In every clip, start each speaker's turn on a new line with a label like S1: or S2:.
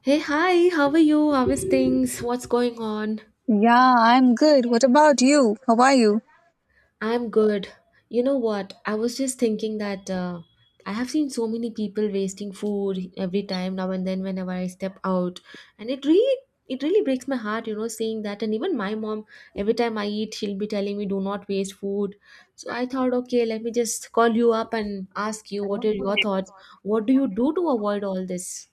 S1: Hey, hi, how are you? How is things? What's going on?
S2: Yeah, I'm good. What about you? How are you?
S1: I'm good. You know what? I was just thinking that I have seen so many people wasting food every time now and then whenever I step out, and it really breaks my heart, you know, saying that. And even my mom, every time I eat, she'll be telling me, "Do not waste food." So I thought, okay, let me just call you up and ask you what are your thoughts. What do you do to avoid all this?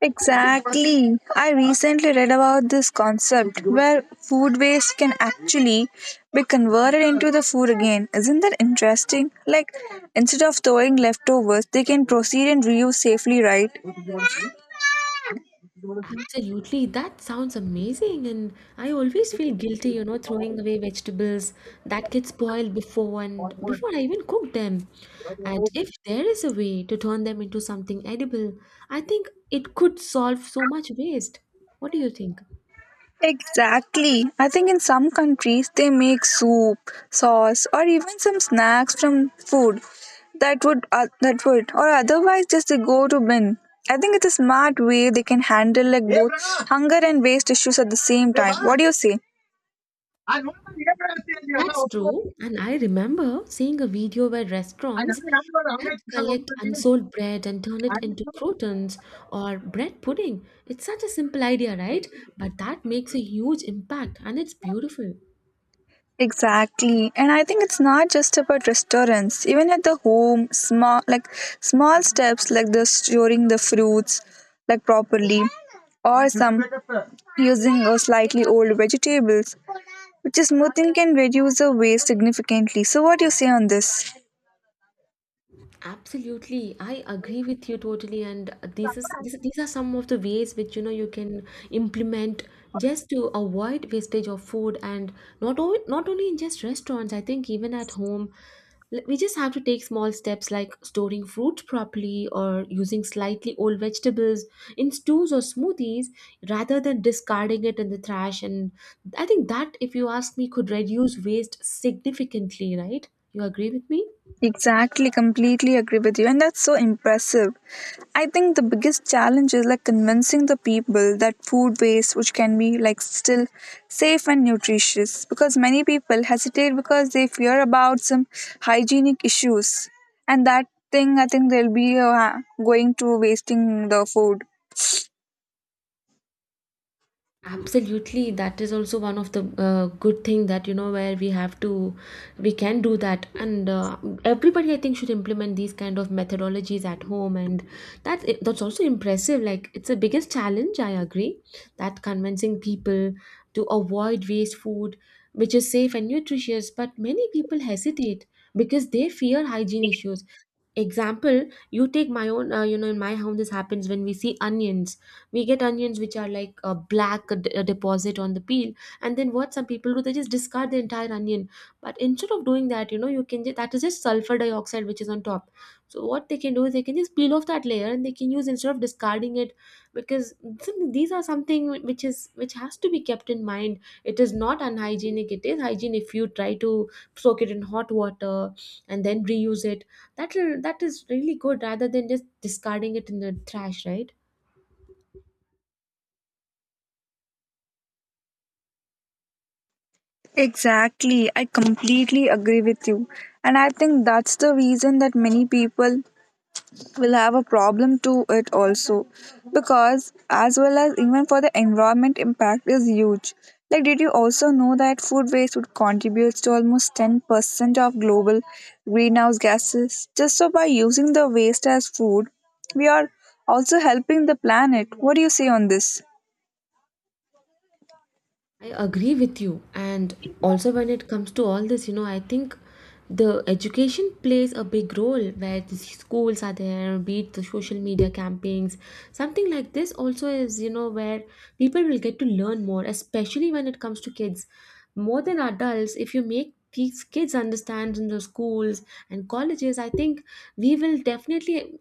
S2: Exactly. I recently read about this concept where food waste can actually be converted into the food again. Isn't that interesting? Like, instead of throwing leftovers, they can proceed and reuse safely, right?
S1: Absolutely, that sounds amazing. And I always feel guilty, you know, throwing away vegetables that get spoiled before I even cook them. And if there is a way to turn them into something edible, I think it could solve so much waste. What do you think?
S2: Exactly. I think in some countries they make soup, sauce, or even some snacks from food that would or otherwise just they go to bin. I think it's a smart way they can handle like both hunger and waste issues at the same time. What do you say?
S1: That's true. And I remember seeing a video where restaurants that collect unsold bread and turn it into croutons or bread pudding. It's such a simple idea, right? But that makes a huge impact and it's beautiful.
S2: Exactly. And I think it's not just about restaurants. Even at the home, small steps like the storing the fruits like properly or some using a slightly old vegetables, which is smoothing can reduce the waste significantly. So what do you say on this?
S1: Absolutely, I agree with you totally. And these are some of the ways which, you know, you can implement just to avoid wastage of food, and not only in just restaurants. I think even at home, we just have to take small steps like storing fruits properly or using slightly old vegetables in stews or smoothies rather than discarding it in the trash. And I think that, if you ask me, could reduce waste significantly. Right? You agree with me?
S2: Exactly, completely agree with you, and that's so impressive. I think the biggest challenge is like convincing the people that food waste, which can be like still safe and nutritious, because many people hesitate because they fear about some hygienic issues, and that thing I think they'll be going to wasting the food.
S1: Absolutely, that is also one of the good thing that, you know, where we have to we can do that, and everybody, I think, should implement these kind of methodologies at home. And that's also impressive. Like, it's the biggest challenge, I agree, that convincing people to avoid waste food which is safe and nutritious, but many people hesitate because they fear hygiene issues. Example, you take my own, you know, in my home, this happens when we see onions. We get onions which are like a black a deposit on the peel, and then what some people do, they just discard the entire onion. But instead of doing that, you know, you can just, that is just sulfur dioxide which is on top. So what they can do is they can just peel off that layer and they can use instead of discarding it, because these are something which is which has to be kept in mind. It is not unhygienic, it is hygiene. If you try to soak it in hot water and then reuse it, that that is really good rather than just discarding it in the trash, right?
S2: Exactly, I completely agree with you, and I think that's the reason that many people will have a problem to it also, because as well as even for the environment impact is huge. Like, did you also know that food waste would contributes to almost 10% of global greenhouse gases? Just so by using the waste as food, we are also helping the planet. What do you say on this?
S1: I agree with you. And also, when it comes to all this, you know, I think the education plays a big role, where the schools are there, be it the social media campaigns, something like this also is, you know, where people will get to learn more, especially when it comes to kids. More than adults, if you make these kids understand in the schools and colleges, I think we will definitely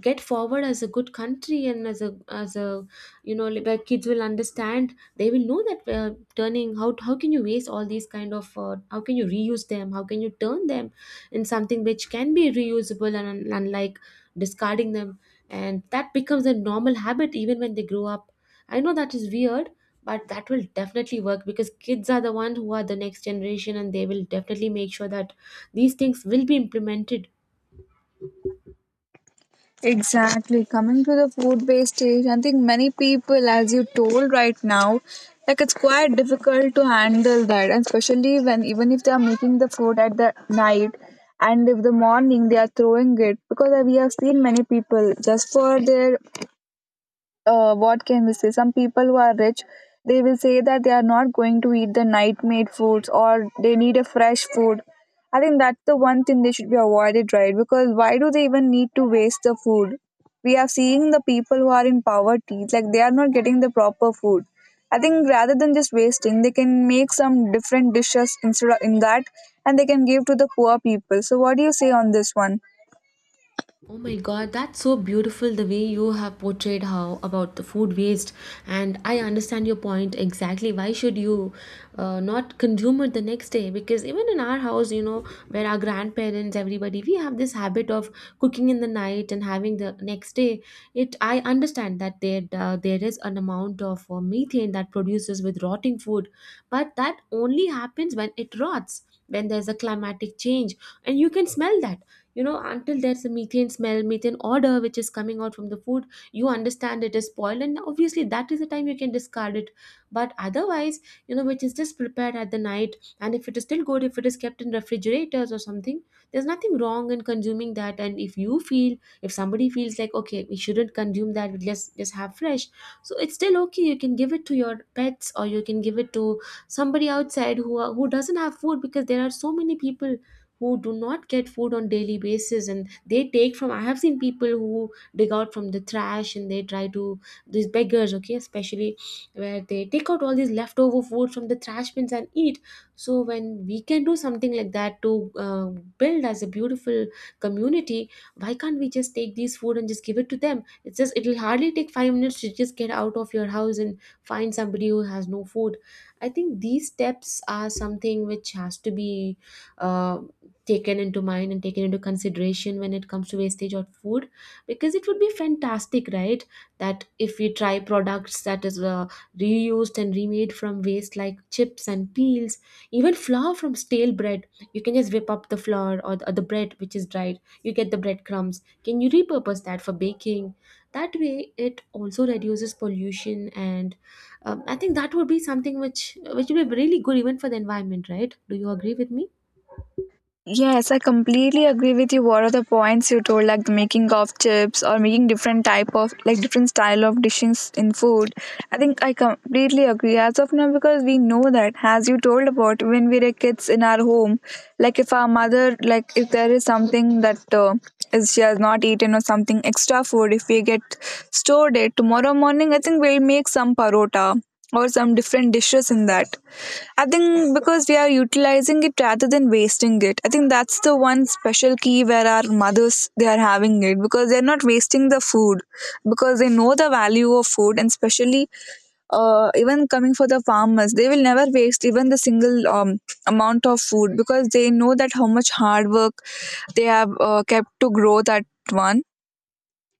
S1: get forward as a good country, and as a you know, like, where kids will understand, they will know that, turning, how can you waste all these kind of, how can you reuse them, how can you turn them in something which can be reusable, and unlike discarding them, and that becomes a normal habit even when they grow up. I know that is weird, but that will definitely work, because kids are the ones who are the next generation, and they will definitely make sure that these things will be implemented.
S2: Exactly. Coming to the food based stage, I think many people, as you told right now, like it's quite difficult to handle that, and especially when even if they are making the food at the night and if the morning they are throwing it, because we have seen many people just for their what can we say, some people who are rich they will say that they are not going to eat the night made foods, or they need a fresh food. I think that's the one thing they should be avoided, right? Because why do they even need to waste the food? We are seeing the people who are in poverty, like they are not getting the proper food. I think rather than just wasting, they can make some different dishes instead of in that, and they can give to the poor people. So what do you say on this one?
S1: Oh my god, that's so beautiful the way you have portrayed how about the food waste. And I understand your point exactly. Why should you not consume it the next day? Because even in our house, you know, where our grandparents, everybody, we have this habit of cooking in the night and having the next day. It I understand that there there is an amount of methane that produces with rotting food, but that only happens when it rots, when there's a climatic change, and you can smell that. You know, until there's a methane smell, methane odor which is coming out from the food, you understand it is spoiled, and obviously that is the time you can discard it. But otherwise, you know, which is just prepared at the night, and if it is still good, if it is kept in refrigerators or something, there's nothing wrong in consuming that. And if you feel, if somebody feels like, okay, we shouldn't consume that, but let's just have fresh, so it's still okay, you can give it to your pets, or you can give it to somebody outside who doesn't have food, because there are so many people who do not get food on daily basis, and they take from, I have seen people who dig out from the trash and they try to, these beggars, okay, especially where they take out all these leftover food from the trash bins and eat. So when we can do something like that to build as a beautiful community, why can't we just take these food and just give it to them? It's just, it'll hardly take 5 minutes to just get out of your house and find somebody who has no food. I think these steps are something which has to be uh, taken into mind and taken into consideration when it comes to wastage of food, because it would be fantastic, right? That if we try products that is reused and remade from waste like chips and peels, even flour from stale bread, you can just whip up the flour, or or the bread which is dried, you get the breadcrumbs, can you repurpose that for baking? That way it also reduces pollution. And I think that would be something which would be really good even for the environment, right? Do you agree with me?
S2: Yes, I completely agree with you. What are the points you told, like the making of chips or making different type of like different style of dishes in food? I think I completely agree as of now, because we know that, as you told about, when we were kids in our home, like if our mother, like if there is something that is she has not eaten, or something extra food if we get stored it tomorrow morning, I think we'll make some parota or some different dishes in that. I think because we are utilizing it rather than wasting it, I think that's the one special key where our mothers they are having it, because they're not wasting the food, because they know the value of food. And especially even coming for the farmers, they will never waste even the single amount of food, because they know that how much hard work they have kept to grow that one.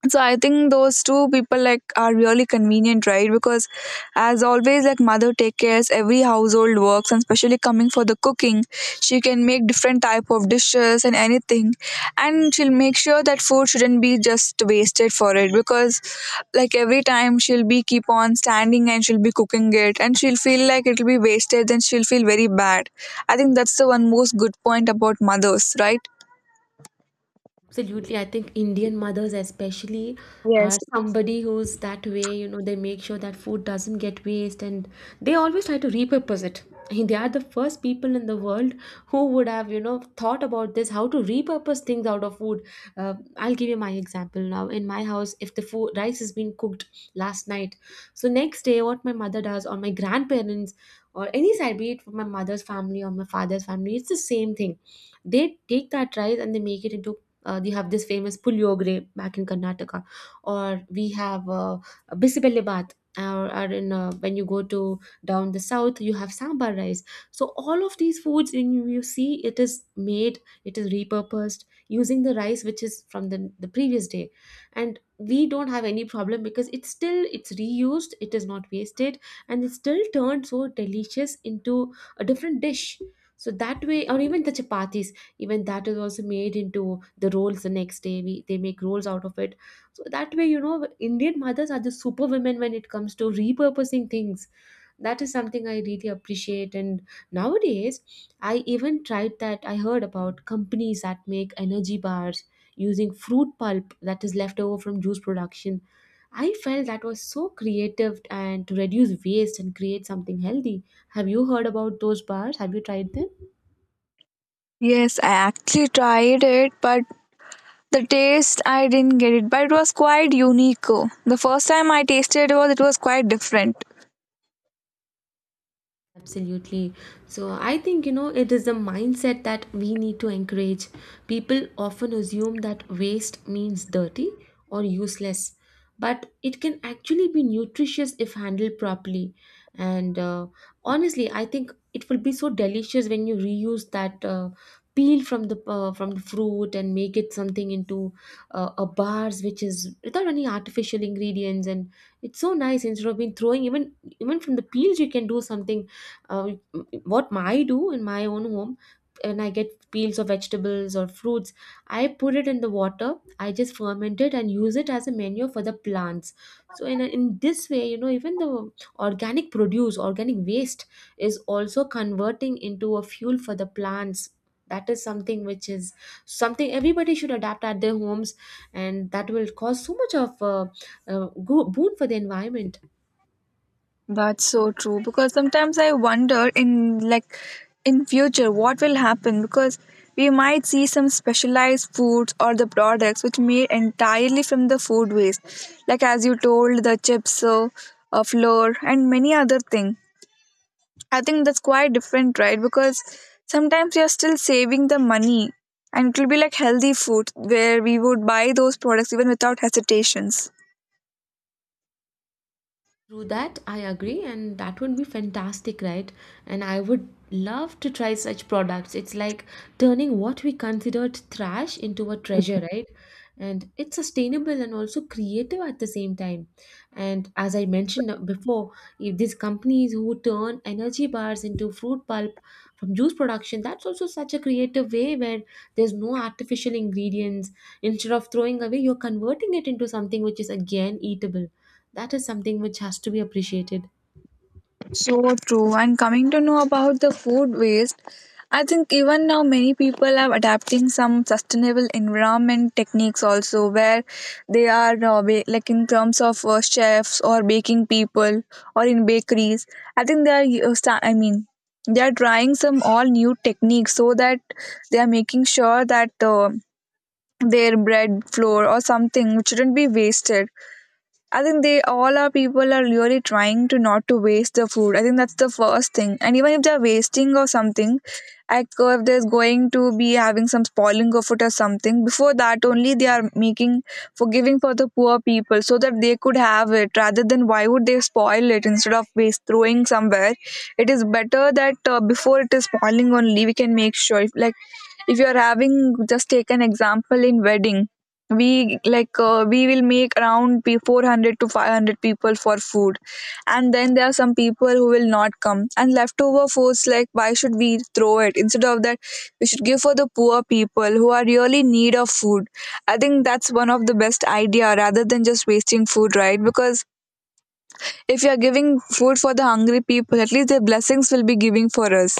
S2: So I think those two people like are really convenient, right? Because as always, like mother take cares every household works, and especially coming for the cooking, she can make different type of dishes and anything, and she'll make sure that food shouldn't be just wasted for it. Because like every time she'll be keep on standing and she'll be cooking it, and she'll feel like it'll be wasted, then she'll feel very bad. I think that's the one most good point about mothers, right?
S1: Absolutely. I think Indian mothers, especially, are
S2: Yes.
S1: somebody who's that way, you know, they make sure that food doesn't get waste and they always try to repurpose it. They are the first people in the world who would have, you know, thought about this, how to repurpose things out of food. I'll give you my example now. In my house, if the food rice has been cooked last night, so next day, what my mother does, or my grandparents, or any side, be it from my mother's family or my father's family, it's the same thing. They take that rice and they make it into, they have this famous Puliogre back in Karnataka, or we have Bisibelle Bath. Or in when you go to down the south, you have sambar rice. So all of these foods, when you see, it is made, it is repurposed using the rice which is from the previous day, and we don't have any problem because it's still, it's reused, it is not wasted, and it's still turned so delicious into a different dish. So that way, or even the chapatis, even that is also made into the rolls. The next day, we they make rolls out of it. So that way, you know, Indian mothers are the superwomen when it comes to repurposing things. That is something I really appreciate. And nowadays, I even tried that, I heard about companies that make energy bars using fruit pulp that is left over from juice production. I felt that was so creative, and to reduce waste and create something healthy. Have you heard about those bars? Have you tried them?
S2: Yes, I actually tried it, but the taste I didn't get it, but it was quite unique. The first time I tasted it was quite different.
S1: Absolutely. So I think, you know, it is the mindset that we need to encourage. People often assume that waste means dirty or useless, but it can actually be nutritious if handled properly. And honestly, I think it will be so delicious when you reuse that, peel from the, from the fruit and make it something into a bars which is without any artificial ingredients, and it's so nice instead of being throwing. Even from the peels you can do something. uh, what I do in my own home, when I get peels of vegetables or fruits, I put it in the water. I just ferment it and use it as a manure for the plants. So in in this way, you know, even the organic produce, organic waste is also converting into a fuel for the plants. That is something which is something everybody should adapt at their homes, and that will cause so much of boon for the environment.
S2: That's so true, because sometimes I wonder in like in future what will happen, because we might see some specialized foods or the products which made entirely from the food waste, like as you told, the chips, flour and many other things. I think that's quite different, right? Because sometimes you're still saving the money, and it will be like healthy food where we would buy those products even without hesitations.
S1: Through that, I agree, and that would be fantastic, right? And I would love to try such products. It's like turning what we considered trash into a treasure, right? And it's sustainable and also creative at the same time. And as I mentioned before, if these companies who turn energy bars into fruit pulp from juice production, that's also such a creative way where there's no artificial ingredients. Instead of throwing away, you're converting it into something which is again eatable that is something which has to be appreciated.
S2: So true. And coming to know about the food waste, I think even now many people are adapting some sustainable environment techniques also, where they are like in terms of chefs or baking people or in bakeries. I think they are. I mean, they are trying some all new techniques so that they are making sure that their bread flour or something which shouldn't be wasted. I think they all are people are really trying to not to waste the food. I think that's the first thing. And even if they're wasting or something, like if there's going to be having some spoiling of it or something, before that only they are making for giving for the poor people so that they could have it. Rather than why would they spoil it instead of waste throwing somewhere? It is better that before it is spoiling only we can make sure. If, like if you are having, just take an example. In wedding we will make around 400 to 500 people for food, and then there are some people who will not come and leftover foods, like why should we throw it? Instead of that, we should give for the poor people who are really in need of food. I think that's one of the best idea rather than just wasting food, right? Because if you are giving food for the hungry people, at least their blessings will be giving for us.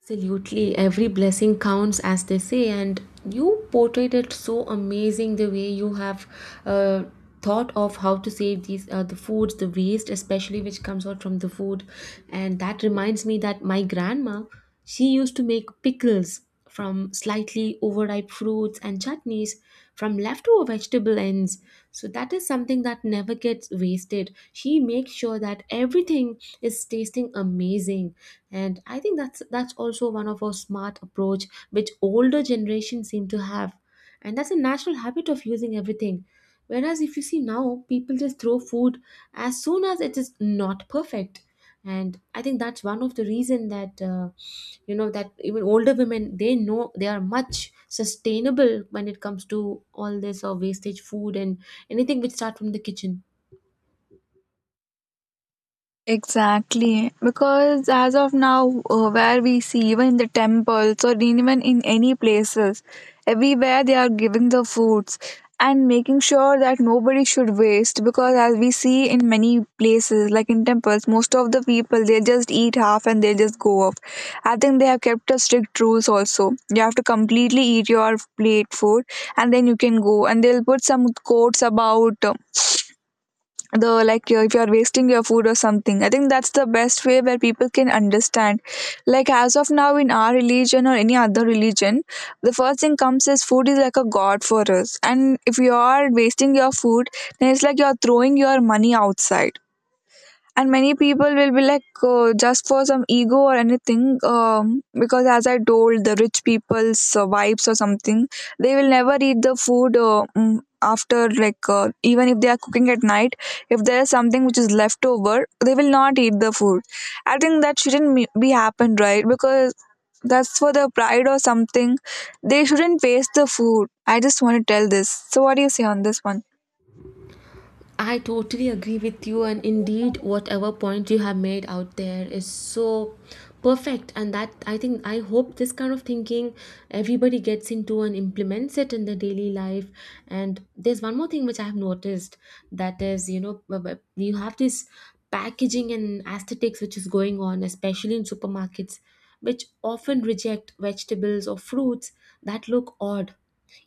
S1: Absolutely, every blessing counts, as they say, and you portrayed it so amazing the way you have uh, thought of how to save these the foods, the waste, especially which comes out from the food. And that reminds me that my grandma, she used to make pickles from slightly overripe fruits and chutneys, from leftover vegetable ends. So that is something that never gets wasted. She makes sure that everything is tasting amazing. And I think that's also one of our smart approach which older generations seem to have. And that's a natural habit of using everything. Whereas if you see now, people just throw food as soon as it is not perfect, and I think that's one of the reason that you know that even older women, they know they are much sustainable when it comes to all this or wastage food, and anything which start from the kitchen.
S2: Exactly, because as of now, where we see even in the temples or even in any places, everywhere they are giving the foods and making sure that nobody should waste. Because as we see in many places, like in temples, most of the people they just eat half and they just go off. I think they have kept a strict rules also. You have to completely eat your plate food and then you can go. And they'll put some quotes about, the like, if you are wasting your food or something. I think that's the best way where people can understand, like as of now in our religion or any other religion, the first thing comes is food is like a god for us. And if you are wasting your food, then it's like you're throwing your money outside. And many people will be like just for some ego or anything, because as I told, the rich people's vibes or something, they will never eat the food after like even if they are cooking at night, if there is something which is left over, they will not eat the food. I think that shouldn't be happened, right? Because that's for the pride or something, they shouldn't waste the food. I just want to tell this. So what do you say on this one?
S1: I totally agree with you, and indeed, whatever point you have made out there is so perfect. And that I think I hope this kind of thinking everybody gets into and implements it in their daily life. And there's one more thing which I have noticed, that is, you know, you have this packaging and aesthetics which is going on, especially in supermarkets, which often reject vegetables or fruits that look odd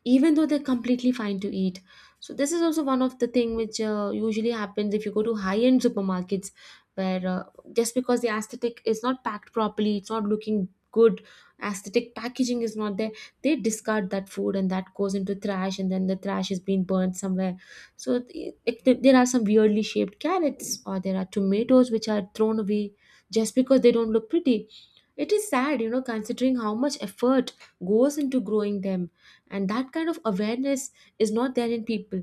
S1: even though they're completely fine to eat. So this is also one of the thing which usually happens if you go to high end supermarkets, where just because the aesthetic is not packed properly, it's not looking good, aesthetic packaging is not there, they discard that food and that goes into trash, and then the trash is being burned somewhere. So there are some weirdly shaped carrots, or there are tomatoes which are thrown away just because they don't look pretty. It is sad, you know, considering how much effort goes into growing them, and that kind of awareness is not there in people.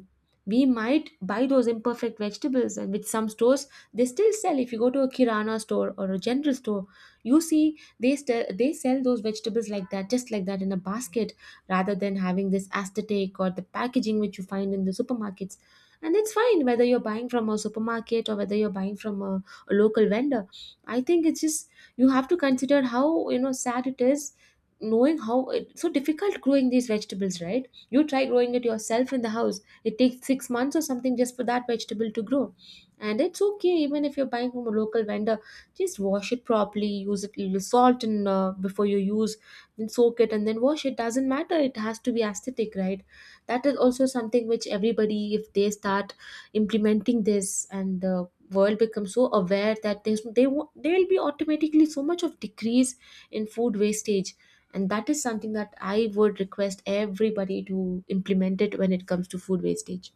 S1: We might buy those imperfect vegetables, and which some stores they still sell. If you go to a kirana store or a general store, you see they they sell those vegetables like that, just like that, in a basket, rather than having this aesthetic or the packaging which you find in the supermarkets. And it's fine whether you're buying from a supermarket or whether you're buying from a local vendor. I think it's just you have to consider how, you know, sad it is, knowing how it's so difficult growing these vegetables, right? You try growing it yourself in the house. It takes 6 months or something just for that vegetable to grow. And it's okay even if you're buying from a local vendor. Just wash it properly, use it little salt and before you use, then soak it and then wash it. Doesn't matter. It has to be aesthetic, right? That is also something which everybody, if they start implementing this and the world becomes so aware that there's there will be automatically so much of decrease in food wastage. And that is something that I would request everybody to implement it when it comes to food wastage.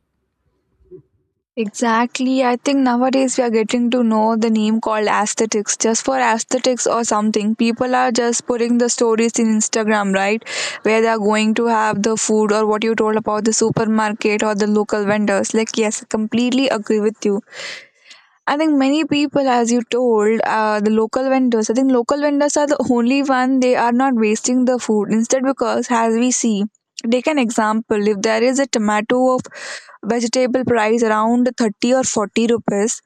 S2: Exactly. I think nowadays we are getting to know the name called aesthetics. Just for aesthetics or something, people are just putting the stories in Instagram, right? Where they are going to have the food or what you told about the supermarket or the local vendors. Like, yes, I completely agree with you. I think many people, as you told, the local vendors. I think local vendors are the only one. They are not wasting the food. Instead, because as we see, take an example. If there is a tomato of vegetable price around 30 or 40 rupees,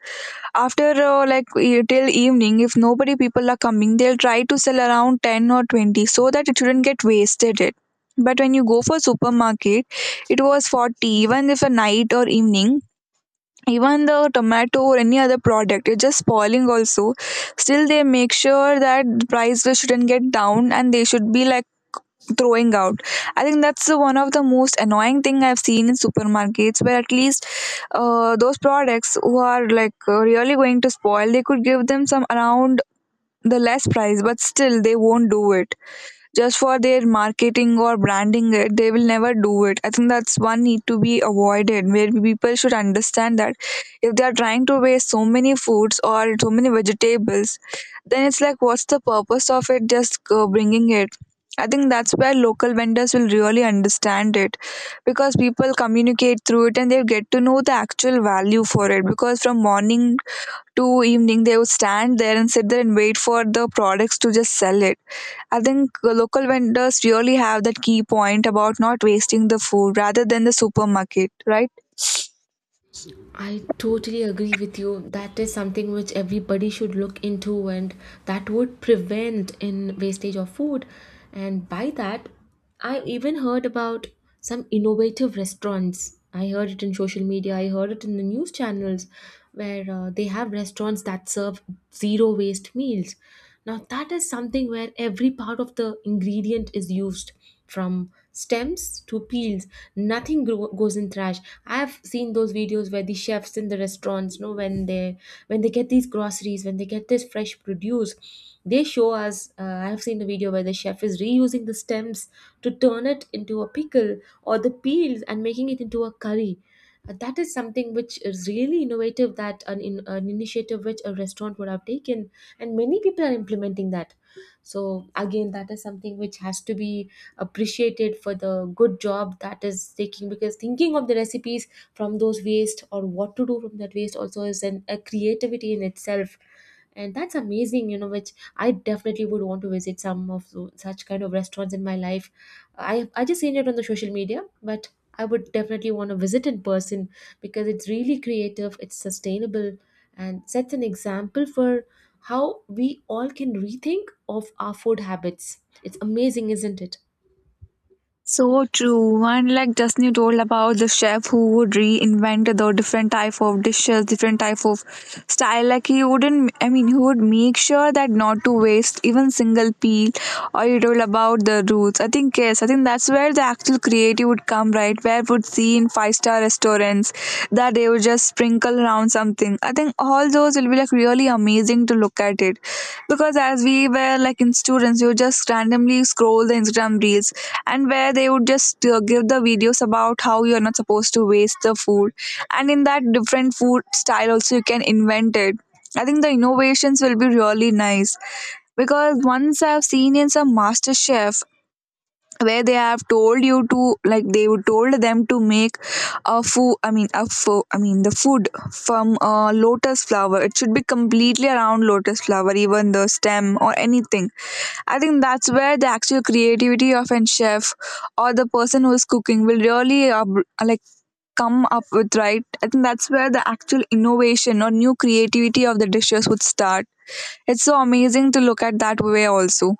S2: after like till evening, if nobody people are coming, they'll try to sell around 10 or 20 so that it shouldn't get wasted. It. But when you go for supermarket, it was 40. Even if a night or evening, even the tomato or any other product, it's just spoiling also, still they make sure that the price will shouldn't get down and they should be like throwing out. I think that's the one of the most annoying thing I've seen in supermarkets, where at least those products who are like really going to spoil, they could give them some around the less price, but still they won't do it just for their marketing or branding it. They will never do it. I think that's one need to be avoided, where people should understand that if they are trying to waste so many foods or so many vegetables, then it's like what's the purpose of it just bringing it. I think that's where local vendors will really understand it, because people communicate through it and they get to know the actual value for it, because from morning to evening they would stand there and sit there and wait for the products to just sell it. I think local vendors really have that key point about not wasting the food rather than the supermarket, right?
S1: I totally agree with you. That is something which everybody should look into, and that would prevent in wastage of food. And by that, I even heard about some innovative restaurants. I heard it in social media. I heard it in the news channels, where they have restaurants that serve zero waste meals. Now that is something where every part of the ingredient is used from stems to peels, nothing grow, goes in trash. I've seen those videos where the chefs in the restaurants, you know, when they get these groceries, when they get this fresh produce, they show us. I've seen a video where the chef is reusing the stems to turn it into a pickle, or the peels and making it into a curry. That is something which is really innovative, that an initiative which a restaurant would have taken, and many people are implementing that. So again, that is something which has to be appreciated for the good job that is taking, because thinking of the recipes from those waste, or what to do from that waste, also is a creativity in itself. And that's amazing, you know, which I definitely would want to visit some of such kind of restaurants in my life. I just seen it on the social media, but I would definitely want to visit in person, because it's really creative, it's sustainable, and sets an example for how we all can rethink of our food habits. It's amazing, isn't it?
S2: So true. One, like, just you told about the chef who would reinvent the different type of dishes, different type of style. Like, he would make sure that not to waste even single peel. Or you told about the roots. I think yes, I think that's where the actual creativity would come, right? Where would see in five-star restaurants that they would just sprinkle around something. I think all those will be like really amazing to look at it, because as we were like in students, you just randomly scroll the Instagram reels, and where they would just give the videos about how you're not supposed to waste the food, and in that different food style also you can invent it. I think the innovations will be really nice, because once I've seen in some master chef where they have told you to, like, they would told them to make a food I mean a fo- I mean the food from lotus flower. It should be completely around lotus flower, even the stem or anything. I think that's where the actual creativity of an chef or the person who is cooking will really like come up with, right? I think that's where the actual innovation or new creativity of the dishes would start. It's so amazing to look at that way also.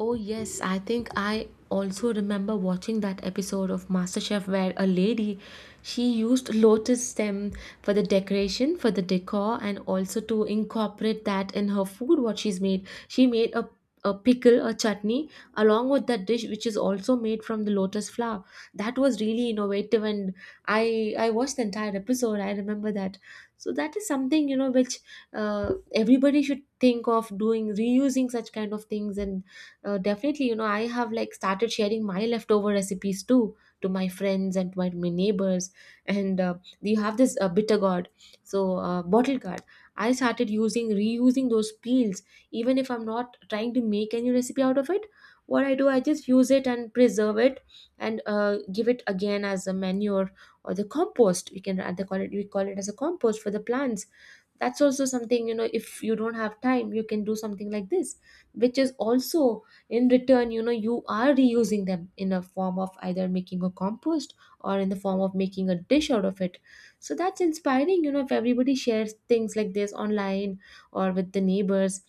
S1: Oh, yes, I think I also remember watching that episode of MasterChef, where a lady, she used lotus stem for the decoration, for the decor, and also to incorporate that in her food. What she's made, she made a pickle, a chutney, along with that dish, which is also made from the lotus flower. That was really innovative, and I watched the entire episode. I remember that. So that is something, you know, which everybody should think of doing, reusing such kind of things. And definitely, you know, I have like started sharing my leftover recipes too, to my friends and to my neighbors. And you have this bitter gourd, so bottle gourd. I started using reusing those peels, even if I'm not trying to make any recipe out of it. What I do, I just use it and preserve it, and give it again as a manure or the compost. We call it as a compost for the plants. That's also something, you know, if you don't have time, you can do something like this, which is also in return, you know, you are reusing them in a form of either making a compost or in the form of making a dish out of it. So that's inspiring, you know, if everybody shares things like this online or with the neighbors.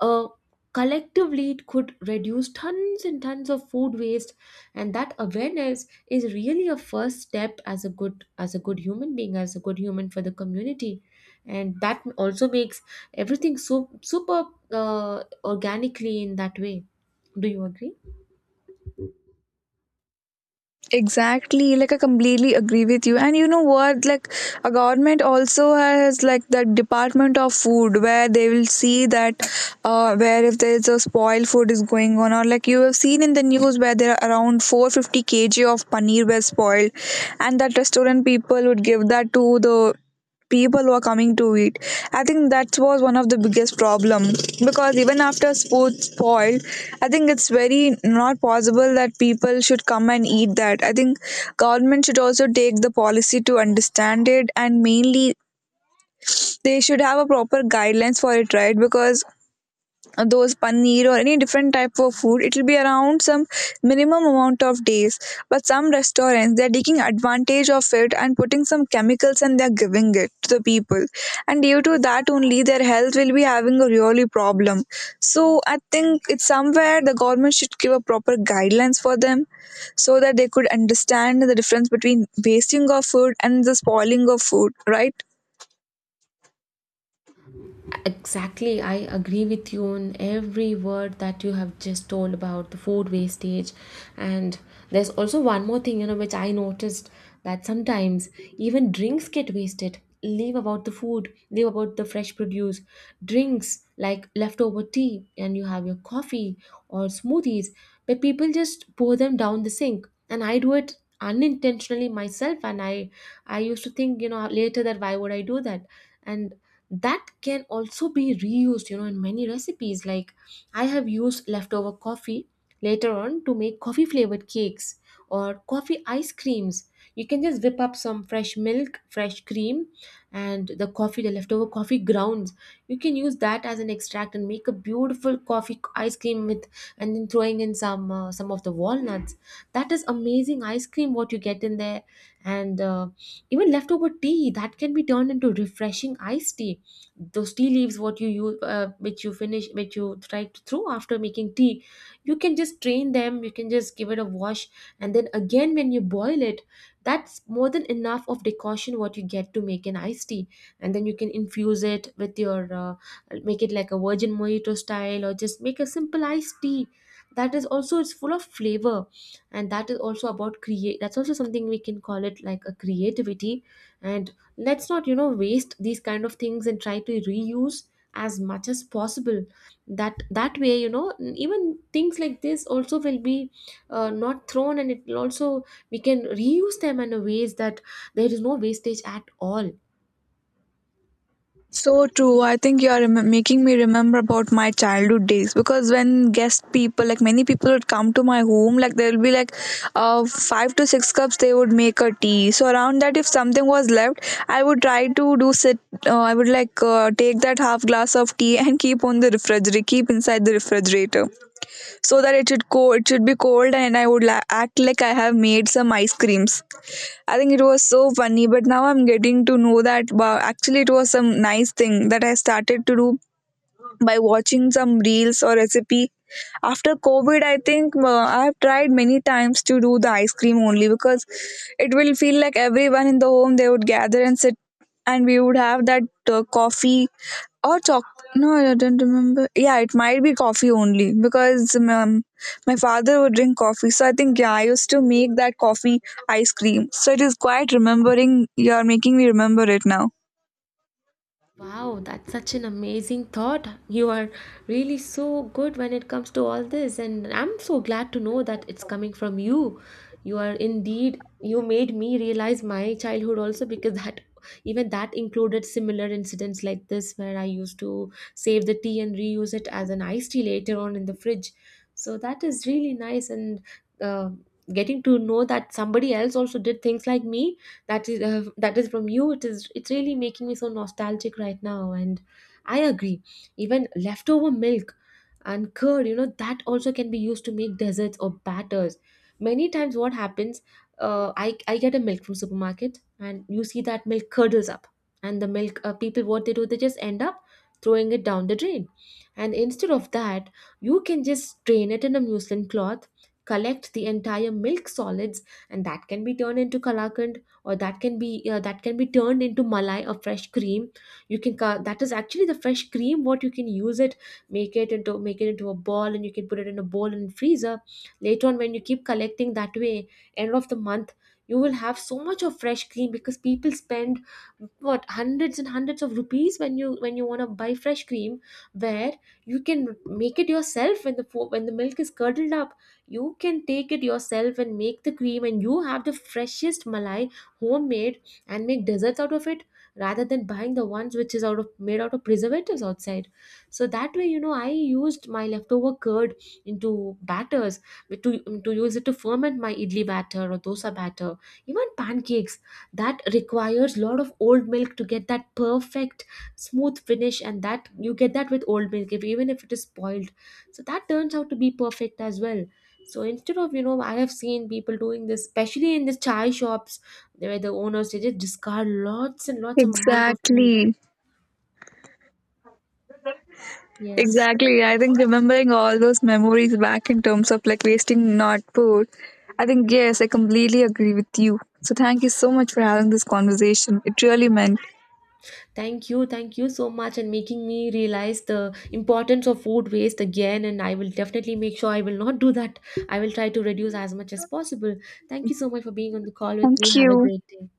S1: uh, Collectively it could reduce tons and tons of food waste. And that awareness is really a first step as a good human being, as a good human for the community. And that also makes everything so super organically in that way. Do you agree?
S2: Exactly, like I completely agree with you. And you know what? Like a government also has like that department of food where they will see that where if there is a spoiled food is going on, or like you have seen in the news where there are around 450 kg of paneer were spoiled, and that restaurant people would give that to the people were coming to it. I think that was one of the biggest problem, because even after sports spoiled, I think it's very not possible that people should come and eat that. I think government should also take the policy to understand it, and mainly they should have a proper guidelines for it, right? Because those paneer or any different type of food, it will be around some minimum amount of days, but some restaurants they're taking advantage of it and putting some chemicals and they're giving it to the people, and due to that only their health will be having a really problem. So I think it's somewhere the government should give a proper guidelines for them, so that they could understand the difference between wasting of food and the spoiling of food, right?
S1: Exactly, I agree with you on every word that you have just told about the food wastage. And there's also one more thing, you know, which I noticed, that sometimes even drinks get wasted. Leave about the food, leave about the fresh produce. Drinks like leftover tea, and you have your coffee or smoothies, but people just pour them down the sink. And I do it unintentionally myself, and I used to think, you know, later that why would I do that. And that can also be reused, you know, in many recipes. Like I have used leftover coffee later on to make coffee flavored cakes or coffee ice creams. You can just whip up some fresh milk, fresh cream, and the coffee, the leftover coffee grounds, you can use that as an extract and make a beautiful coffee ice cream with. And then throwing in some of the walnuts, that is amazing ice cream what you get in there. And even leftover tea, that can be turned into refreshing iced tea. Those tea leaves what you use which you finish, which you try to throw after making tea, you can just strain them, you can just give it a wash, and then again when you boil it, that's more than enough of decoction what you get to make an iced tea. And then you can infuse it with your make it like a virgin mojito style, or just make a simple iced tea. That is also, it's full of flavor. And that is also about create that's also something we can call it like a creativity. And let's not, you know, waste these kind of things and try to reuse as much as possible. That that way, you know, even things like this also will be not thrown, and it will also, we can reuse them in a ways that there is no wastage at all.
S2: So true. I think you are making me remember about my childhood days, because when guest people, like many people, would come to my home, like there will be like 5 to 6 cups they would make a tea. So around that, if something was left, I would try to do sit. I would like take that half glass of tea and keep on the refrigerator, keep inside the refrigerator, so that it should cold, it should be cold, and I would act like I have made some ice creams. I think it was so funny, but now I'm getting to know that wow, actually it was some nice thing that I started to do by watching some reels or recipe. After COVID, I think I have tried many times to do the ice cream only because it will feel like everyone in the home they would gather and sit, and we would have that coffee or choc. No, I don't remember. Yeah, it might be coffee only because my father would drink coffee, so I think yeah, I used to make that coffee ice cream. So it is quite remembering, you are making me remember it now.
S1: Wow, that's such an amazing thought. You are really so good when it comes to all this, and I'm so glad to know that it's coming from you. You are indeed, you made me realize my childhood also, because that even that included similar incidents like this, where I used to save the tea and reuse it as an iced tea later on in the fridge. So that is really nice, and uh, getting to know that somebody else also did things like me, that is from you, it is it's really making me so nostalgic right now. And I agree, even leftover milk and curd, you know, that also can be used to make desserts or batters. Many times what happens, I get a milk from supermarket, and you see that milk curdles up, and the milk, people, what they do, they just end up throwing it down the drain. And instead of that, you can just drain it in a muslin cloth, collect the entire milk solids, and that can be turned into kalakand, or that can be turned into malai or fresh cream. That is actually the fresh cream what you can use it. Make it into, make it into a ball, and you can put it in a bowl in freezer. Later on, when you keep collecting that way, end of the month, you will have so much of fresh cream, because people spend what, hundreds and hundreds of rupees when you, when you want to buy fresh cream, where you can make it yourself. When the when the milk is curdled up, you can take it yourself and make the cream, and you have the freshest malai homemade, and make desserts out of it, rather than buying the ones which is out of made out of preservatives outside. So that way, you know, I used my leftover curd into batters, to to use it to ferment my idli batter or dosa batter. Even pancakes, that requires a lot of old milk to get that perfect smooth finish, and that you get that with old milk if, even if it is spoiled, so that turns out to be perfect as well. So instead of, you know, I have seen people doing this, especially in the chai shops, where the owners, they just discard lots and lots of amount of milk.
S2: Exactly.
S1: Yes.
S2: Exactly. I think remembering all those memories back in terms of like wasting not food, I think, yes, I completely agree with you. So, thank you so much for having this conversation. It really meant.
S1: Thank you so much, and making me realize the importance of food waste again. And I will definitely make sure I will not do that. I will try to reduce as much as possible. Thank you so much for being on the call with me.
S2: Thank
S1: Have a
S2: you.
S1: great day.